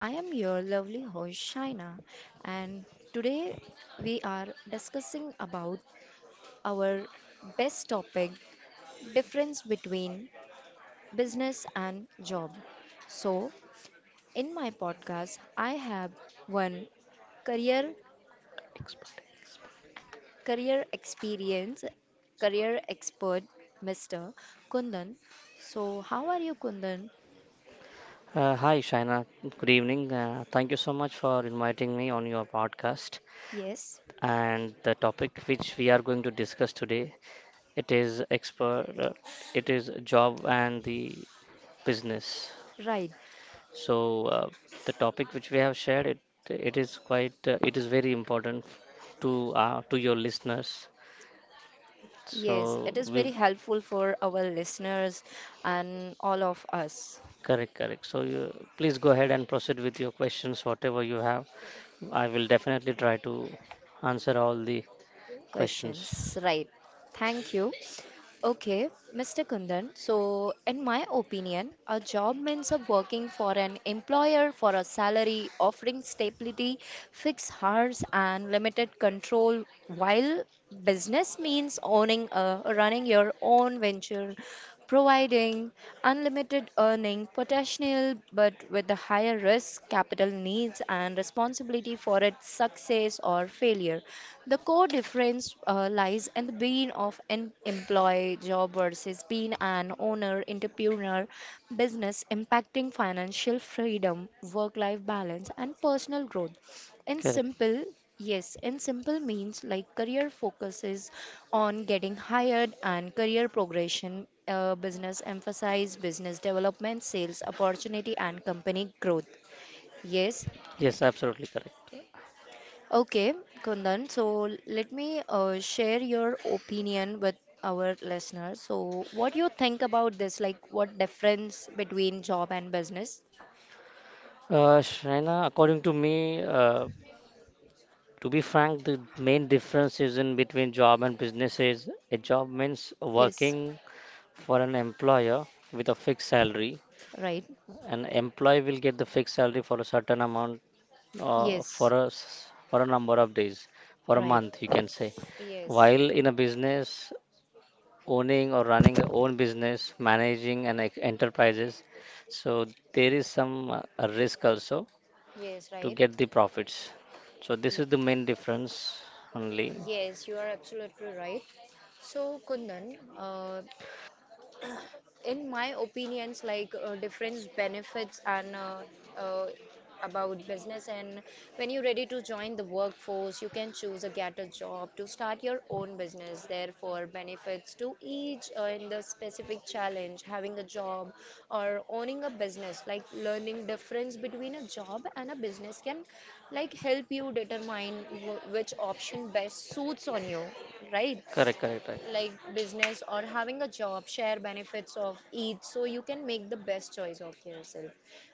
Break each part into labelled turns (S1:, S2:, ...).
S1: I am your lovely host Shaina, and today we are discussing about our best topic, difference between business and job. So, in my podcast, I have one career career experience career expert Mr. Kundan. So, how are you Kundan?
S2: Hi, Shaina. Good evening. Thank you so much for inviting me on your podcast.
S1: Yes,
S2: And the topic which we are going to discuss today, it is expert, it is job and the business.
S1: right.
S2: So uh, the topic which we have shared, it is quite, it is very important to your listeners.
S1: Yes,
S2: So
S1: it is very
S2: we
S1: helpful for our listeners and all of us.
S2: correct, correct. So you please go ahead and proceed with your questions, whatever you have. I will definitely try to answer all the questions.
S1: Questions, right? Thank you. Okay, Mr. Kundan. So, in my opinion, a job means a working for an employer for a salary offering stability, fixed hours, and limited control, while business means owning a running your own venture providing unlimited earning potential but with a higher risk, capital needs, and responsibility for its success or failure. The core difference lies in the being of an employee job versus being an owner, entrepreneur, business impacting financial freedom, work life balance, and personal growth. In
S2: Correct.
S1: simple, yes, in simple means, like career focuses on getting hired and career progression, business emphasize business development, sales opportunity, and company growth. Yes,
S2: Yes, absolutely correct.
S1: okay, Kundan. So let me share your opinion with our listeners. So, what do you think about this? Like, what difference between job and business?
S2: Shaina, according to me, to be frank, the main difference is in between job and business is a job means
S1: Yes,
S2: working for an employer with a fixed salary,
S1: right.
S2: an employee will get the fixed salary for a certain amount for
S1: Yes,
S2: a for a number of days for a
S1: right.
S2: month you can say,
S1: Yes,
S2: while in a business owning or running a own business managing and like enterprises, so there is some a risk also
S1: yes,
S2: to
S1: right.
S2: get the profits. So this is the main difference only.
S1: Yes, you are absolutely right. So, Kundan, in my opinions like difference benefits and uh, about business and when you're ready to join the workforce you can choose a get a job to start your own business therefore benefits to each in the specific challenge having a job or owning a business like learning difference between a job and a business can like help you determine which option best suits on you, right,
S2: Correct, correct, right.
S1: like business or having a job share benefits of each so you can make the best choice of yourself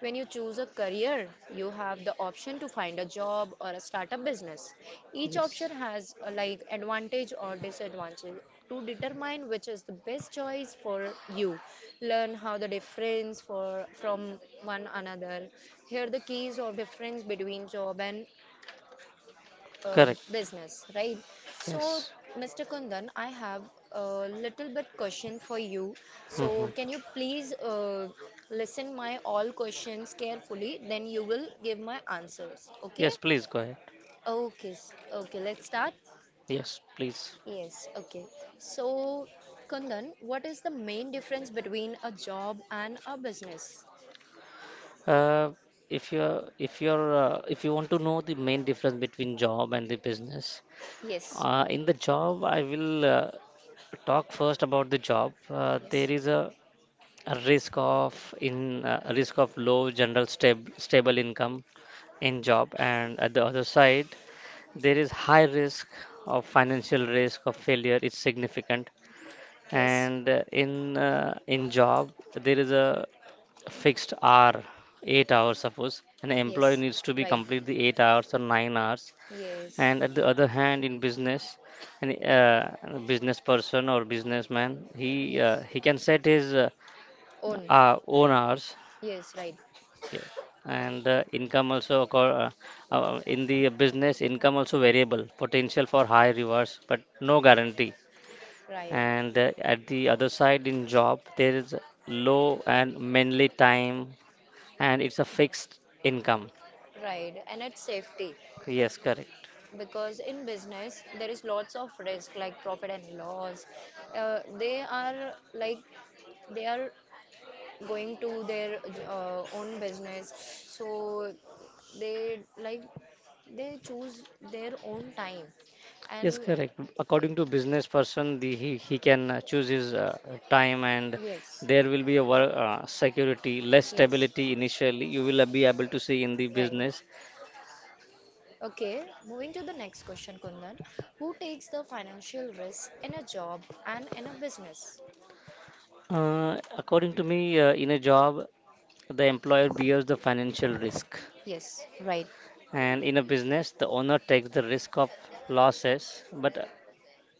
S1: when you choose a career you have the option to find a job or a startup business. Each option has a, like advantage or disadvantage to determine which is the best choice for you. Learn how the difference for from one another. Here the keys of difference between job and business, right? So, Mr. Kundan, I have a little bit question for you. So, can
S2: Hmm.
S1: you please listen my all questions carefully? Then you will give my answers. Okay?
S2: Yes, please go ahead.
S1: Okay. Okay. Let's start.
S2: Yes, please.
S1: Yes. Okay. So, Kundan, what is the main difference between a job and a business?
S2: Uh, if you want to know the main difference between job and the business,
S1: Yes.
S2: in the job I will talk first about the job.
S1: Yes.
S2: A risk of in a risk of low general stable income in job, and at the other side there is high risk of financial risk of failure. It's significant,
S1: Yes.
S2: and in job there is a fixed hour, 8 hours suppose, an employee
S1: Yes.
S2: needs to be
S1: Right.
S2: complete the 8 hours or 9 hours.
S1: Yes.
S2: And at the other hand, in business, an business person or businessman,
S1: Yes.
S2: he can set his
S1: Own.
S2: own hours.
S1: Yes. Right.
S2: Yes. And income also occur, in the business income also variable, potential for high rewards, but no guarantee.
S1: Right,
S2: And at the other side in job there is low and mainly time and it's a fixed income.
S1: right. And it's safety
S2: Yes, correct.
S1: because in business there is lots of risk like profit and loss. They are like they are going to their own business, so they like they choose their own time.
S2: Yes,
S1: And
S2: correct.
S1: eh,
S2: According to business person, the, he can choose his time and
S1: yes,
S2: there will be a work, security, less
S1: yes,
S2: stability initially. You will be able to see in the
S1: right.
S2: business.
S1: Okay, moving to the next question, Kundan. Who takes the financial risk in a job and in a business?
S2: According to me, in a job, the employer bears the financial risk.
S1: Yes, right.
S2: And in a business, the owner takes the risk of losses, but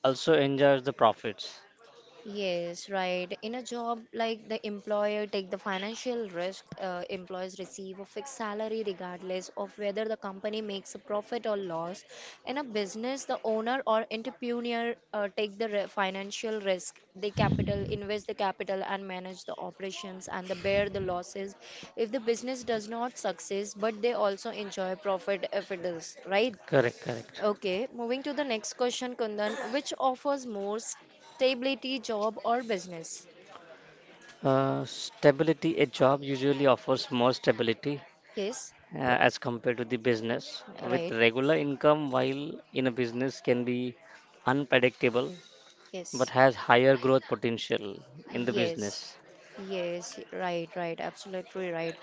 S2: also enjoys the profits.
S1: Yes, right. In a job like the employer take the financial risk, employees receive a fixed salary regardless of whether the company makes a profit or loss. In a business, the owner or entrepreneur take the financial risk. They capital invest the capital and manage the operations and they bear the losses if the business does not succeed, but they also enjoy profit if it does, right?
S2: Correct, correct.
S1: Okay, moving to the next question, Kundan. Which offers more stability, job or business?
S2: Stability, a job usually offers more stability
S1: Yes,
S2: uh, as compared to the business. With
S1: right.
S2: regular income, while in a business can be unpredictable but
S1: Yes,
S2: has higher growth potential in the
S1: yes,
S2: business.
S1: yes, right, right. Absolutely right.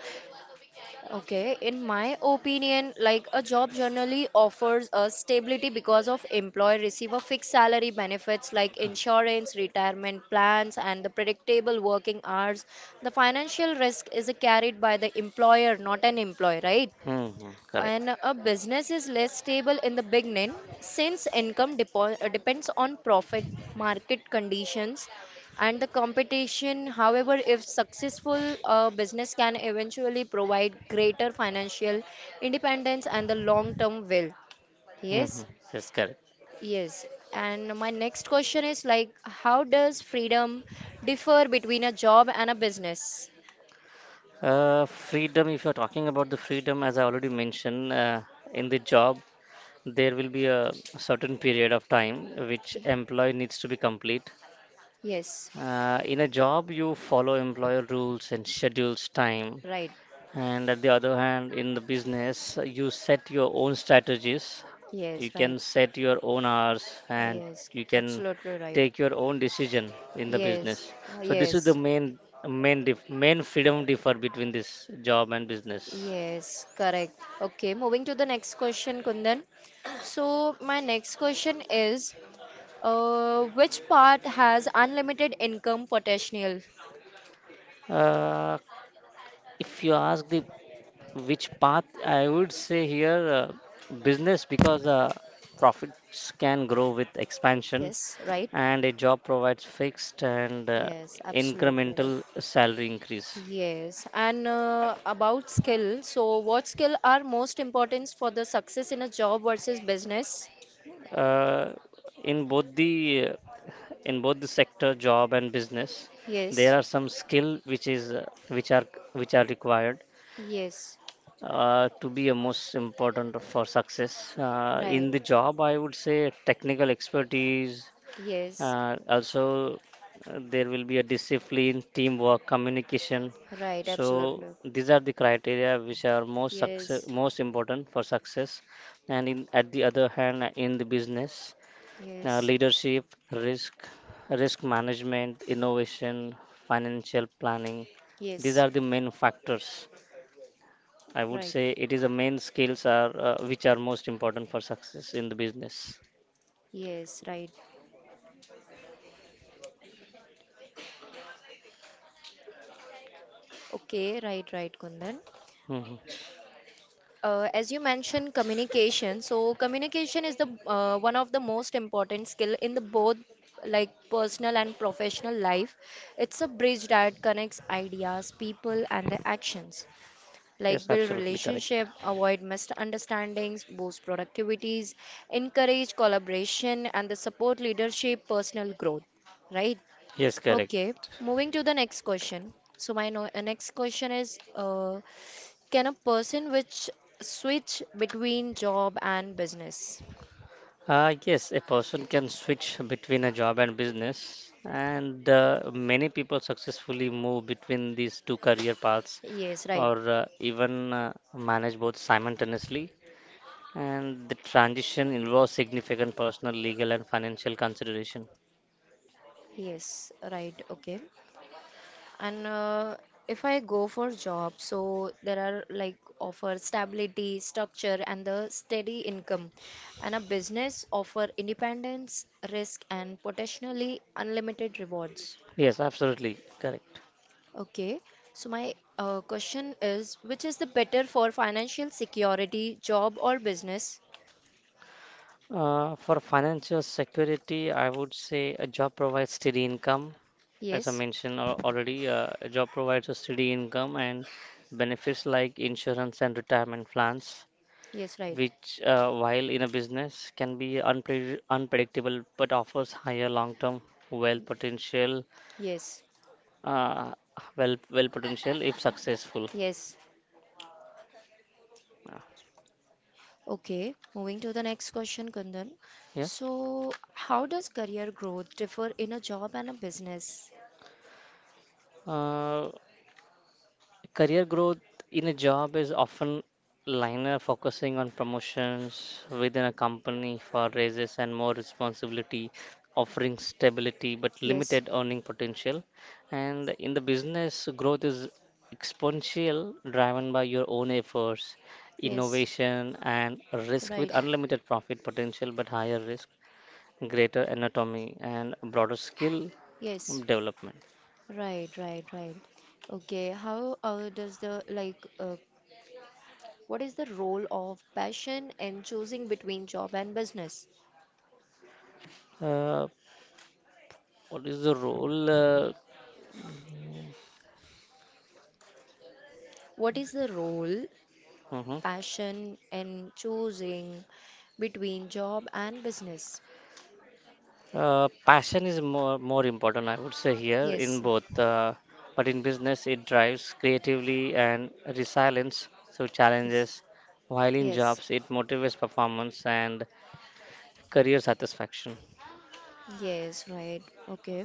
S1: Okay, in my opinion, like a job generally offers a stability because of employer receive a fixed salary benefits like insurance, retirement plans, and the predictable working hours. The financial risk is carried by the employer, not an employee, right?
S2: Mm-hmm. Correct.
S1: And a business is less stable in the beginning, since income depends on profit, market conditions, and the competition. However, if successful, a business can eventually provide greater financial independence and the long term will,
S2: Mm-hmm.
S1: yes,
S2: Yes, correct.
S1: yes. And my next question is like, how does freedom differ between a job and a business?
S2: Freedom, if you're talking about the freedom, as I already mentioned, in the job, there will be a certain period of time which employee needs to be complete.
S1: Yes,
S2: In a job, you follow employer rules and schedules time.
S1: right.
S2: And at the other hand, in the business, you set your own strategies. You
S1: Yes, right.
S2: can set your own hours and
S1: Yes,
S2: you can
S1: absolutely right.
S2: take your own decision in the
S1: Yes,
S2: business. So this is the
S1: yes,
S2: main freedom differ between this job and business.
S1: yes, correct. Okay, moving to the next question, Kundan. So, my next question is, which part has unlimited income potential?
S2: Uh, if you ask the which path, I would say here business because profits can grow with expansion
S1: Yes, right?
S2: and a job provides fixed and
S1: Yes, absolutely right.
S2: incremental salary increase.
S1: Yes, and about skill. So, what skill are most important for the success in a job versus business?
S2: Uh, in both the uh, in both the sector, job and business, there
S1: Yes,
S2: are some skill which is which are required
S1: yes,
S2: to be a most important for success.
S1: right.
S2: In the job, I would say technical expertise,
S1: Yes,
S2: Uh, also, there will be a discipline, teamwork, communication.
S1: right,
S2: So
S1: absolutely.
S2: these are the criteria which are most success,
S1: Yes,
S2: most important for success. And in, at the other hand, in the business,
S1: yes.
S2: leadership, risk, risk management, innovation, financial planning. These
S1: Yes,
S2: are the main factors. I would
S1: right.
S2: say it is the main skills are which are most important for success in the business.
S1: Yes, right. Okay, right, right, Kundan.
S2: Mhm.
S1: As you mentioned, communication. So, communication is the one of the most important skill in the both, like personal and professional life. It's a bridge that connects ideas, people, and their actions. Like
S2: Yes,
S1: build
S2: absolutely correct.
S1: relationship, avoid misunderstandings, boost productivities, encourage collaboration, and the support leadership, personal growth. Right.
S2: Yes, correct.
S1: Okay, moving to the next question. So my no next question is, can a person which switch between job and business?
S2: Yes, a person can switch between a job and business, and many people successfully move between these two career paths
S1: Yes, right.
S2: or even manage both simultaneously. And the transition involves significant personal, legal, and financial consideration.
S1: Yes, right. Okay. And if I go for job, so there are like offer stability, structure, and the steady income. And a business offer independence, risk, and potentially unlimited rewards.
S2: Yes, absolutely correct.
S1: Okay, so my question is which is the better for financial security, job or business?
S2: For financial security, I would say a job provides steady income. As I
S1: Yes,
S2: mentioned already, a job provides a steady income and benefits like insurance and retirement plans,
S1: yes, right.
S2: which, while in a business, can be unpredictable but offers higher long-term wealth potential,
S1: Yes,
S2: uh, wealth potential if successful.
S1: yes.
S2: Uh,
S1: Okay, moving to the next question, Kundan.
S2: yeah.
S1: So, how does career growth differ in a job and a business?
S2: Uh, career growth in a job is often linear, focusing on promotions within a company for raises and more responsibility, offering stability but
S1: Yes,
S2: limited earning potential. And in the business, growth is exponential, driven by your own efforts,
S1: yes,
S2: innovation, and risk with
S1: right.
S2: unlimited profit potential but higher risk, greater anatomy, and broader skill
S1: Yes,
S2: development.
S1: right, right, right. Okay, how does the like what is the role of passion in choosing between job and business?
S2: Uh, what is the role?
S1: What is the role,
S2: Mhm.
S1: passion, in choosing between job and business?
S2: Passion is more important, I would say here in
S1: Yes,
S2: both. But in business, it drives creatively and resilience through
S1: yes,
S2: challenges. While in
S1: yes,
S2: jobs, it motivates performance and career satisfaction.
S1: yes, right. Okay.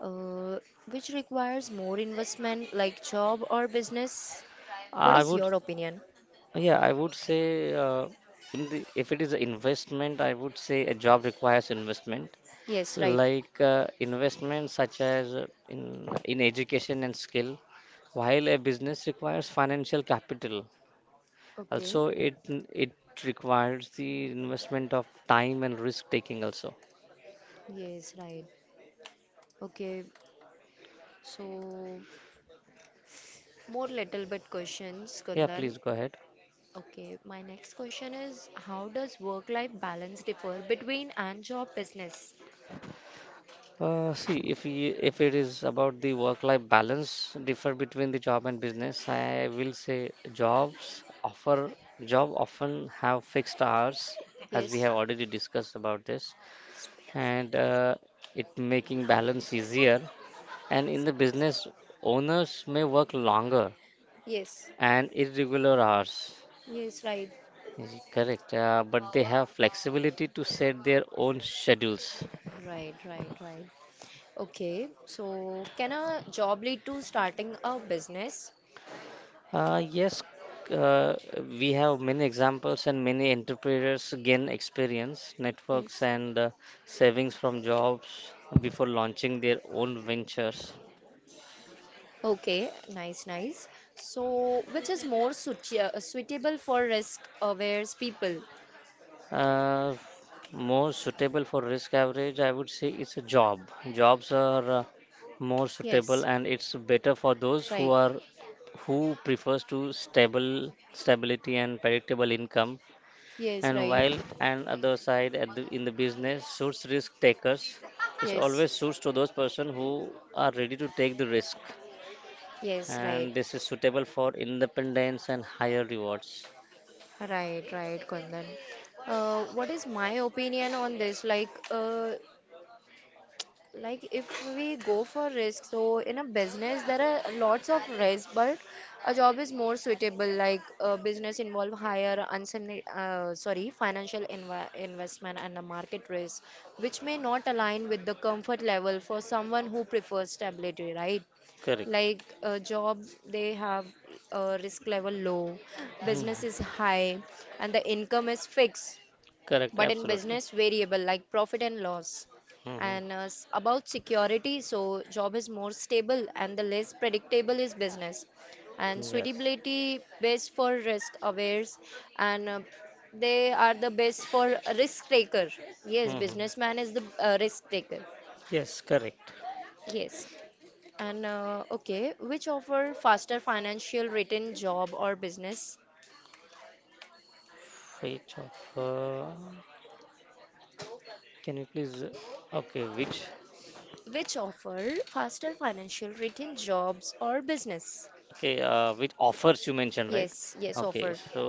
S1: Uh, which requires more investment, like job or business? What
S2: I
S1: is
S2: would,
S1: your opinion?
S2: yeah, I would say in the if it is an investment, I would say a job requires investment,
S1: Yes, right.
S2: like investment such as in education and skill, while a business requires financial capital.
S1: Okay.
S2: Also, it requires the investment of time and risk taking also.
S1: Yes, right. Okay. So, more little bit questions,
S2: Yeah,
S1: Kundan.
S2: please go ahead.
S1: Okay, my next question is, how does work-life balance differ between and job business?
S2: See, if we if it is about the work-life balance differ between the job and business, I will say job often have fixed hours, as we
S1: Yes,
S2: have already discussed about this, and it making balance easier. And in the business, owners may work longer
S1: yes,
S2: and irregular hours.
S1: yes, right.
S2: Correct, but they have flexibility to set their own schedules.
S1: Right, right, right. Okay, so can a job lead to starting a business?
S2: Yes, uh, we have many examples and many entrepreneurs gain experience, networks,
S1: Yes.
S2: and savings from jobs before launching their own ventures.
S1: Okay, nice, nice. So, which is more suitable for risk-aware people?
S2: Uh, More suitable for risk average, I would say it's a job. Jobs are more suitable,
S1: Yes,
S2: and it's better for those who
S1: right.
S2: are who prefers to stable stability and predictable income.
S1: Yes,
S2: And
S1: right.
S2: while and other side at the, in the business suits risk takers, it
S1: Yes,
S2: always suits to those person who are ready to take the risk.
S1: yes, right.
S2: And this is suitable for independence and higher rewards.
S1: Right, right, Kundan. What is my opinion on this? Like if we go for risk, so in a business there are lots of risk, but a job is more suitable. Like a business involve higher uncertain, sorry, financial investment and the market risk, which may not align with the comfort level for someone who prefers stability, right?
S2: Correct.
S1: Like a job, they have a risk level low,
S2: Mhm.
S1: business is high, and the income is fixed,
S2: Correct,
S1: but in
S2: absolutely.
S1: business variable like profit and loss.
S2: Mhm.
S1: And about security, so job is more stable and the less predictable is business, and
S2: Yes.
S1: suitability best for risk awares. And they are the best for risk taker. Yes,
S2: Hmm.
S1: businessman is the risk taker.
S2: Yes, correct.
S1: Yes, and okay, which offer faster financial return, job or business?
S2: Which of uh, can you please? Okay, which
S1: Which offer faster financial return, jobs or business?
S2: okay, which offers you mentioned, right?
S1: Yes, yes,
S2: Okay,
S1: offer.
S2: so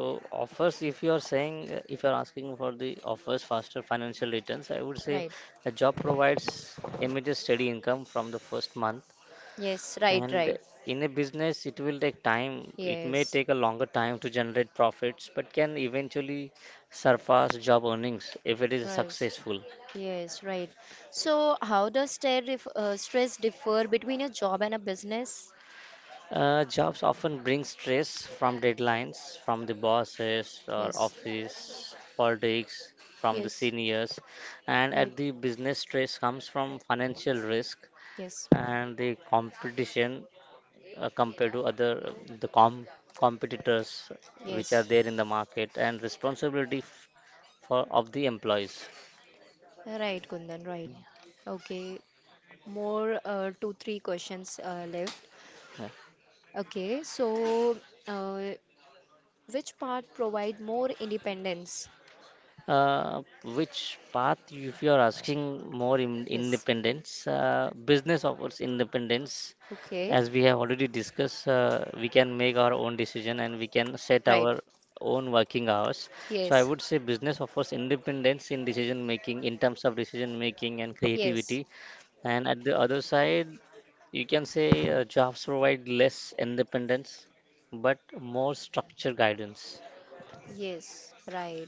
S2: offers. If you are saying, if you are asking for the offers faster financial returns, I would say
S1: Right.
S2: a job provides immediate steady income from the first month.
S1: Yes, right,
S2: And
S1: right.
S2: in a business, it will take time. It may
S1: Yes,
S2: take a longer time to generate profits, but can eventually surpass job earnings if it is
S1: right.
S2: successful.
S1: Yes, right. So, how does stress differ between a job and a business?
S2: Jobs often bring stress from deadlines, from the bosses or
S1: Yes,
S2: office politics, from the
S1: yes,
S2: seniors, and
S1: right.
S2: at the business stress comes from financial risk
S1: Yes,
S2: and the competition compared to other the com- competitors which are
S1: yes.
S2: there in the market and responsibility for of the employees.
S1: Right, Kundan, right. Okay, more two, three questions left.
S2: Yeah.
S1: Okay, so uh, which part provide more independence?
S2: uh, which path if you are asking more in
S1: Yes.
S2: independence, business offers independence
S1: Okay,
S2: as we have already discussed. We can make our own decision and we can set
S1: right.
S2: our own working hours. So I
S1: Yes,
S2: would say business offers independence in decision making in terms of decision making and
S1: yes,
S2: creativity. And at the other side, you can say jobs provide less independence but more structure guidance.
S1: yes, right.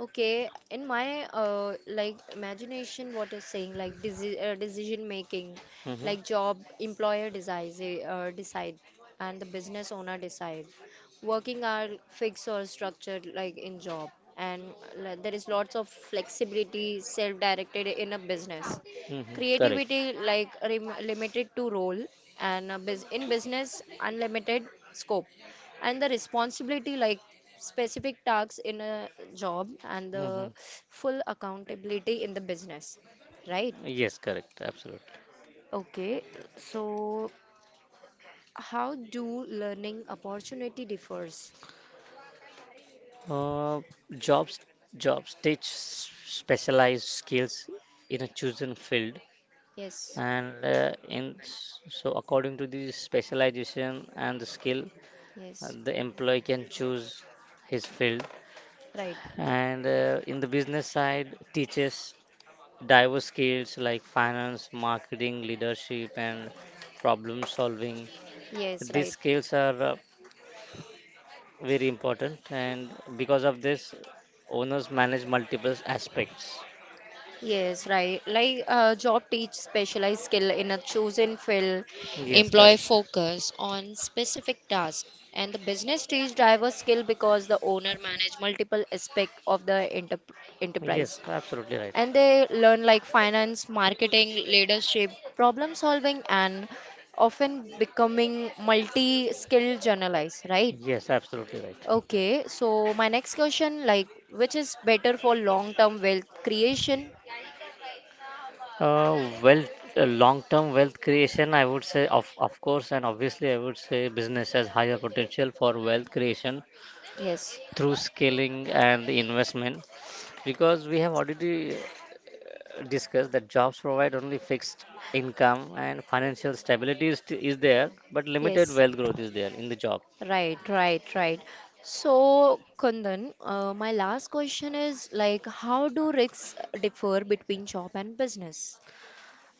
S1: Okay, in my like imagination, what you're saying, like desi decision making,
S2: Hmm. Hmm.
S1: like job employer decide, and the business owner decide. Working are fixed or structured like in job, and like, there is lots of flexibility, self-directed in a business.
S2: Correct.
S1: Creativity like rem limited to role, and a business unlimited scope, and the responsibility like specific tasks in a job and the
S2: Hmm.
S1: full accountability in the business, right.
S2: Yes, correct. Absolutely.
S1: Okay, so how do learning opportunity differs?
S2: Uh, jobs Jobs teach specialized skills in a chosen field
S1: Yes,
S2: and so according to the specialization and the skill,
S1: yes,
S2: the employee can choose his field.
S1: right.
S2: And in the business side teaches diverse skills like finance, marketing, leadership and problem solving.
S1: Yes,
S2: These
S1: right.
S2: skills are very important and because of this owners manage multiple aspects.
S1: Yes, right. Like job teach specialized skill in a chosen field,
S2: Yes,
S1: employee
S2: correct.
S1: focus on specific tasks, and the business teach diverse skill because the owner manage multiple aspect of the
S2: Yes,
S1: enterprise,
S2: absolutely right.
S1: and they learn like finance, marketing, leadership, problem solving, and often becoming multi-skilled journalists. Right.
S2: Yes, absolutely right.
S1: Okay. So my next question, like, which is better for long-term wealth creation?
S2: Uh, wealth, Long-term wealth creation, I would say, of course, and obviously, I would say business has higher potential for wealth creation
S1: Yes.
S2: through scaling and investment, because we have already discussed that jobs provide only fixed income and financial stability is, is there, but limited
S1: Yes,
S2: wealth growth is there in the job.
S1: right, right, right. So, Kundan, my last question is like, how do risks differ between job and business?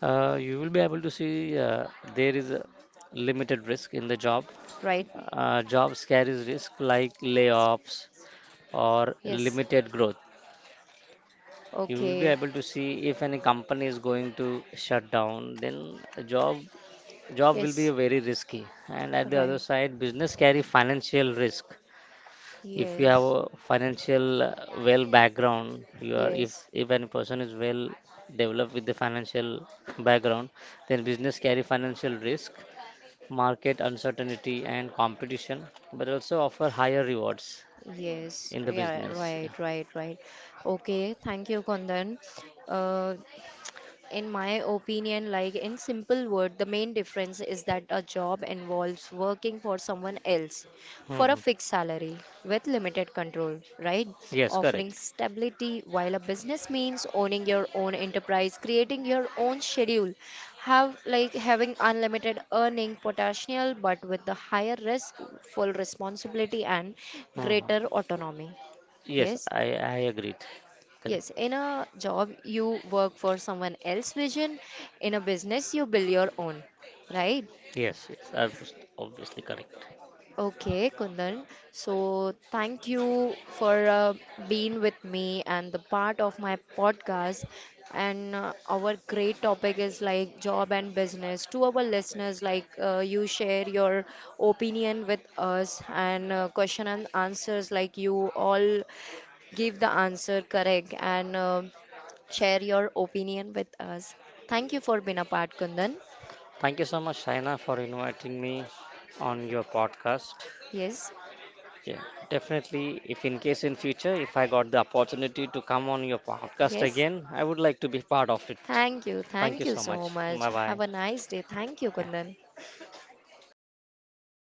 S2: You will be able to see there is a limited risk in the job.
S1: Right?
S2: Jobs carries risk like layoffs or
S1: Yes.
S2: limited growth. You will be
S1: Okay.
S2: able to see if any company is going to shut down then a job will be
S1: Yes.
S2: very risky. And at the other
S1: Right.
S2: side business carry financial risk. If you have
S1: Yes.
S2: a financial well background, you are
S1: Yes.
S2: if any person is well developed with the financial background, then business carry financial risk, market uncertainty and competition, but also offer higher rewards
S1: Yes.
S2: in the
S1: Yeah.
S2: business. Yeah.
S1: Right. Right. Right. Okay. Thank you, Kundan. Uh, In my opinion, like in simple word, the main difference is that a job involves working for someone else for a
S2: Mhm.
S1: fixed salary with limited control, right?
S2: Yes, correct.
S1: Offering stability, while a business means owning your own enterprise, creating your own schedule, have like having unlimited earning potential but with the higher risk, full responsibility and
S2: Mhm.
S1: greater autonomy.
S2: Yes,
S1: Yes.
S2: I agreed. Correct.
S1: Yes, in a job, you work for someone else's vision. In a business, you build your own, right?
S2: Yes, yes, I was obviously correct.
S1: Okay, Kundan. So, thank you for being with me and the part of my podcast. And our great topic is like job and business. To our listeners, like you share your opinion with us and question and answers, like you all give the answer correct and share your opinion with us. Thank you for being a part, Kundan.
S2: Thank you so much, Shaina, for inviting me on your podcast.
S1: Yes,
S2: Yeah, definitely. If in case in future, if I got the opportunity to come on your podcast
S1: yes.
S2: again, I would like to be part of it.
S1: Thank you.
S2: Thank you
S1: Thank you
S2: so
S1: so
S2: much.
S1: much.
S2: Bye bye.
S1: Have a nice day. Thank you,
S2: Yeah.
S1: Kundan.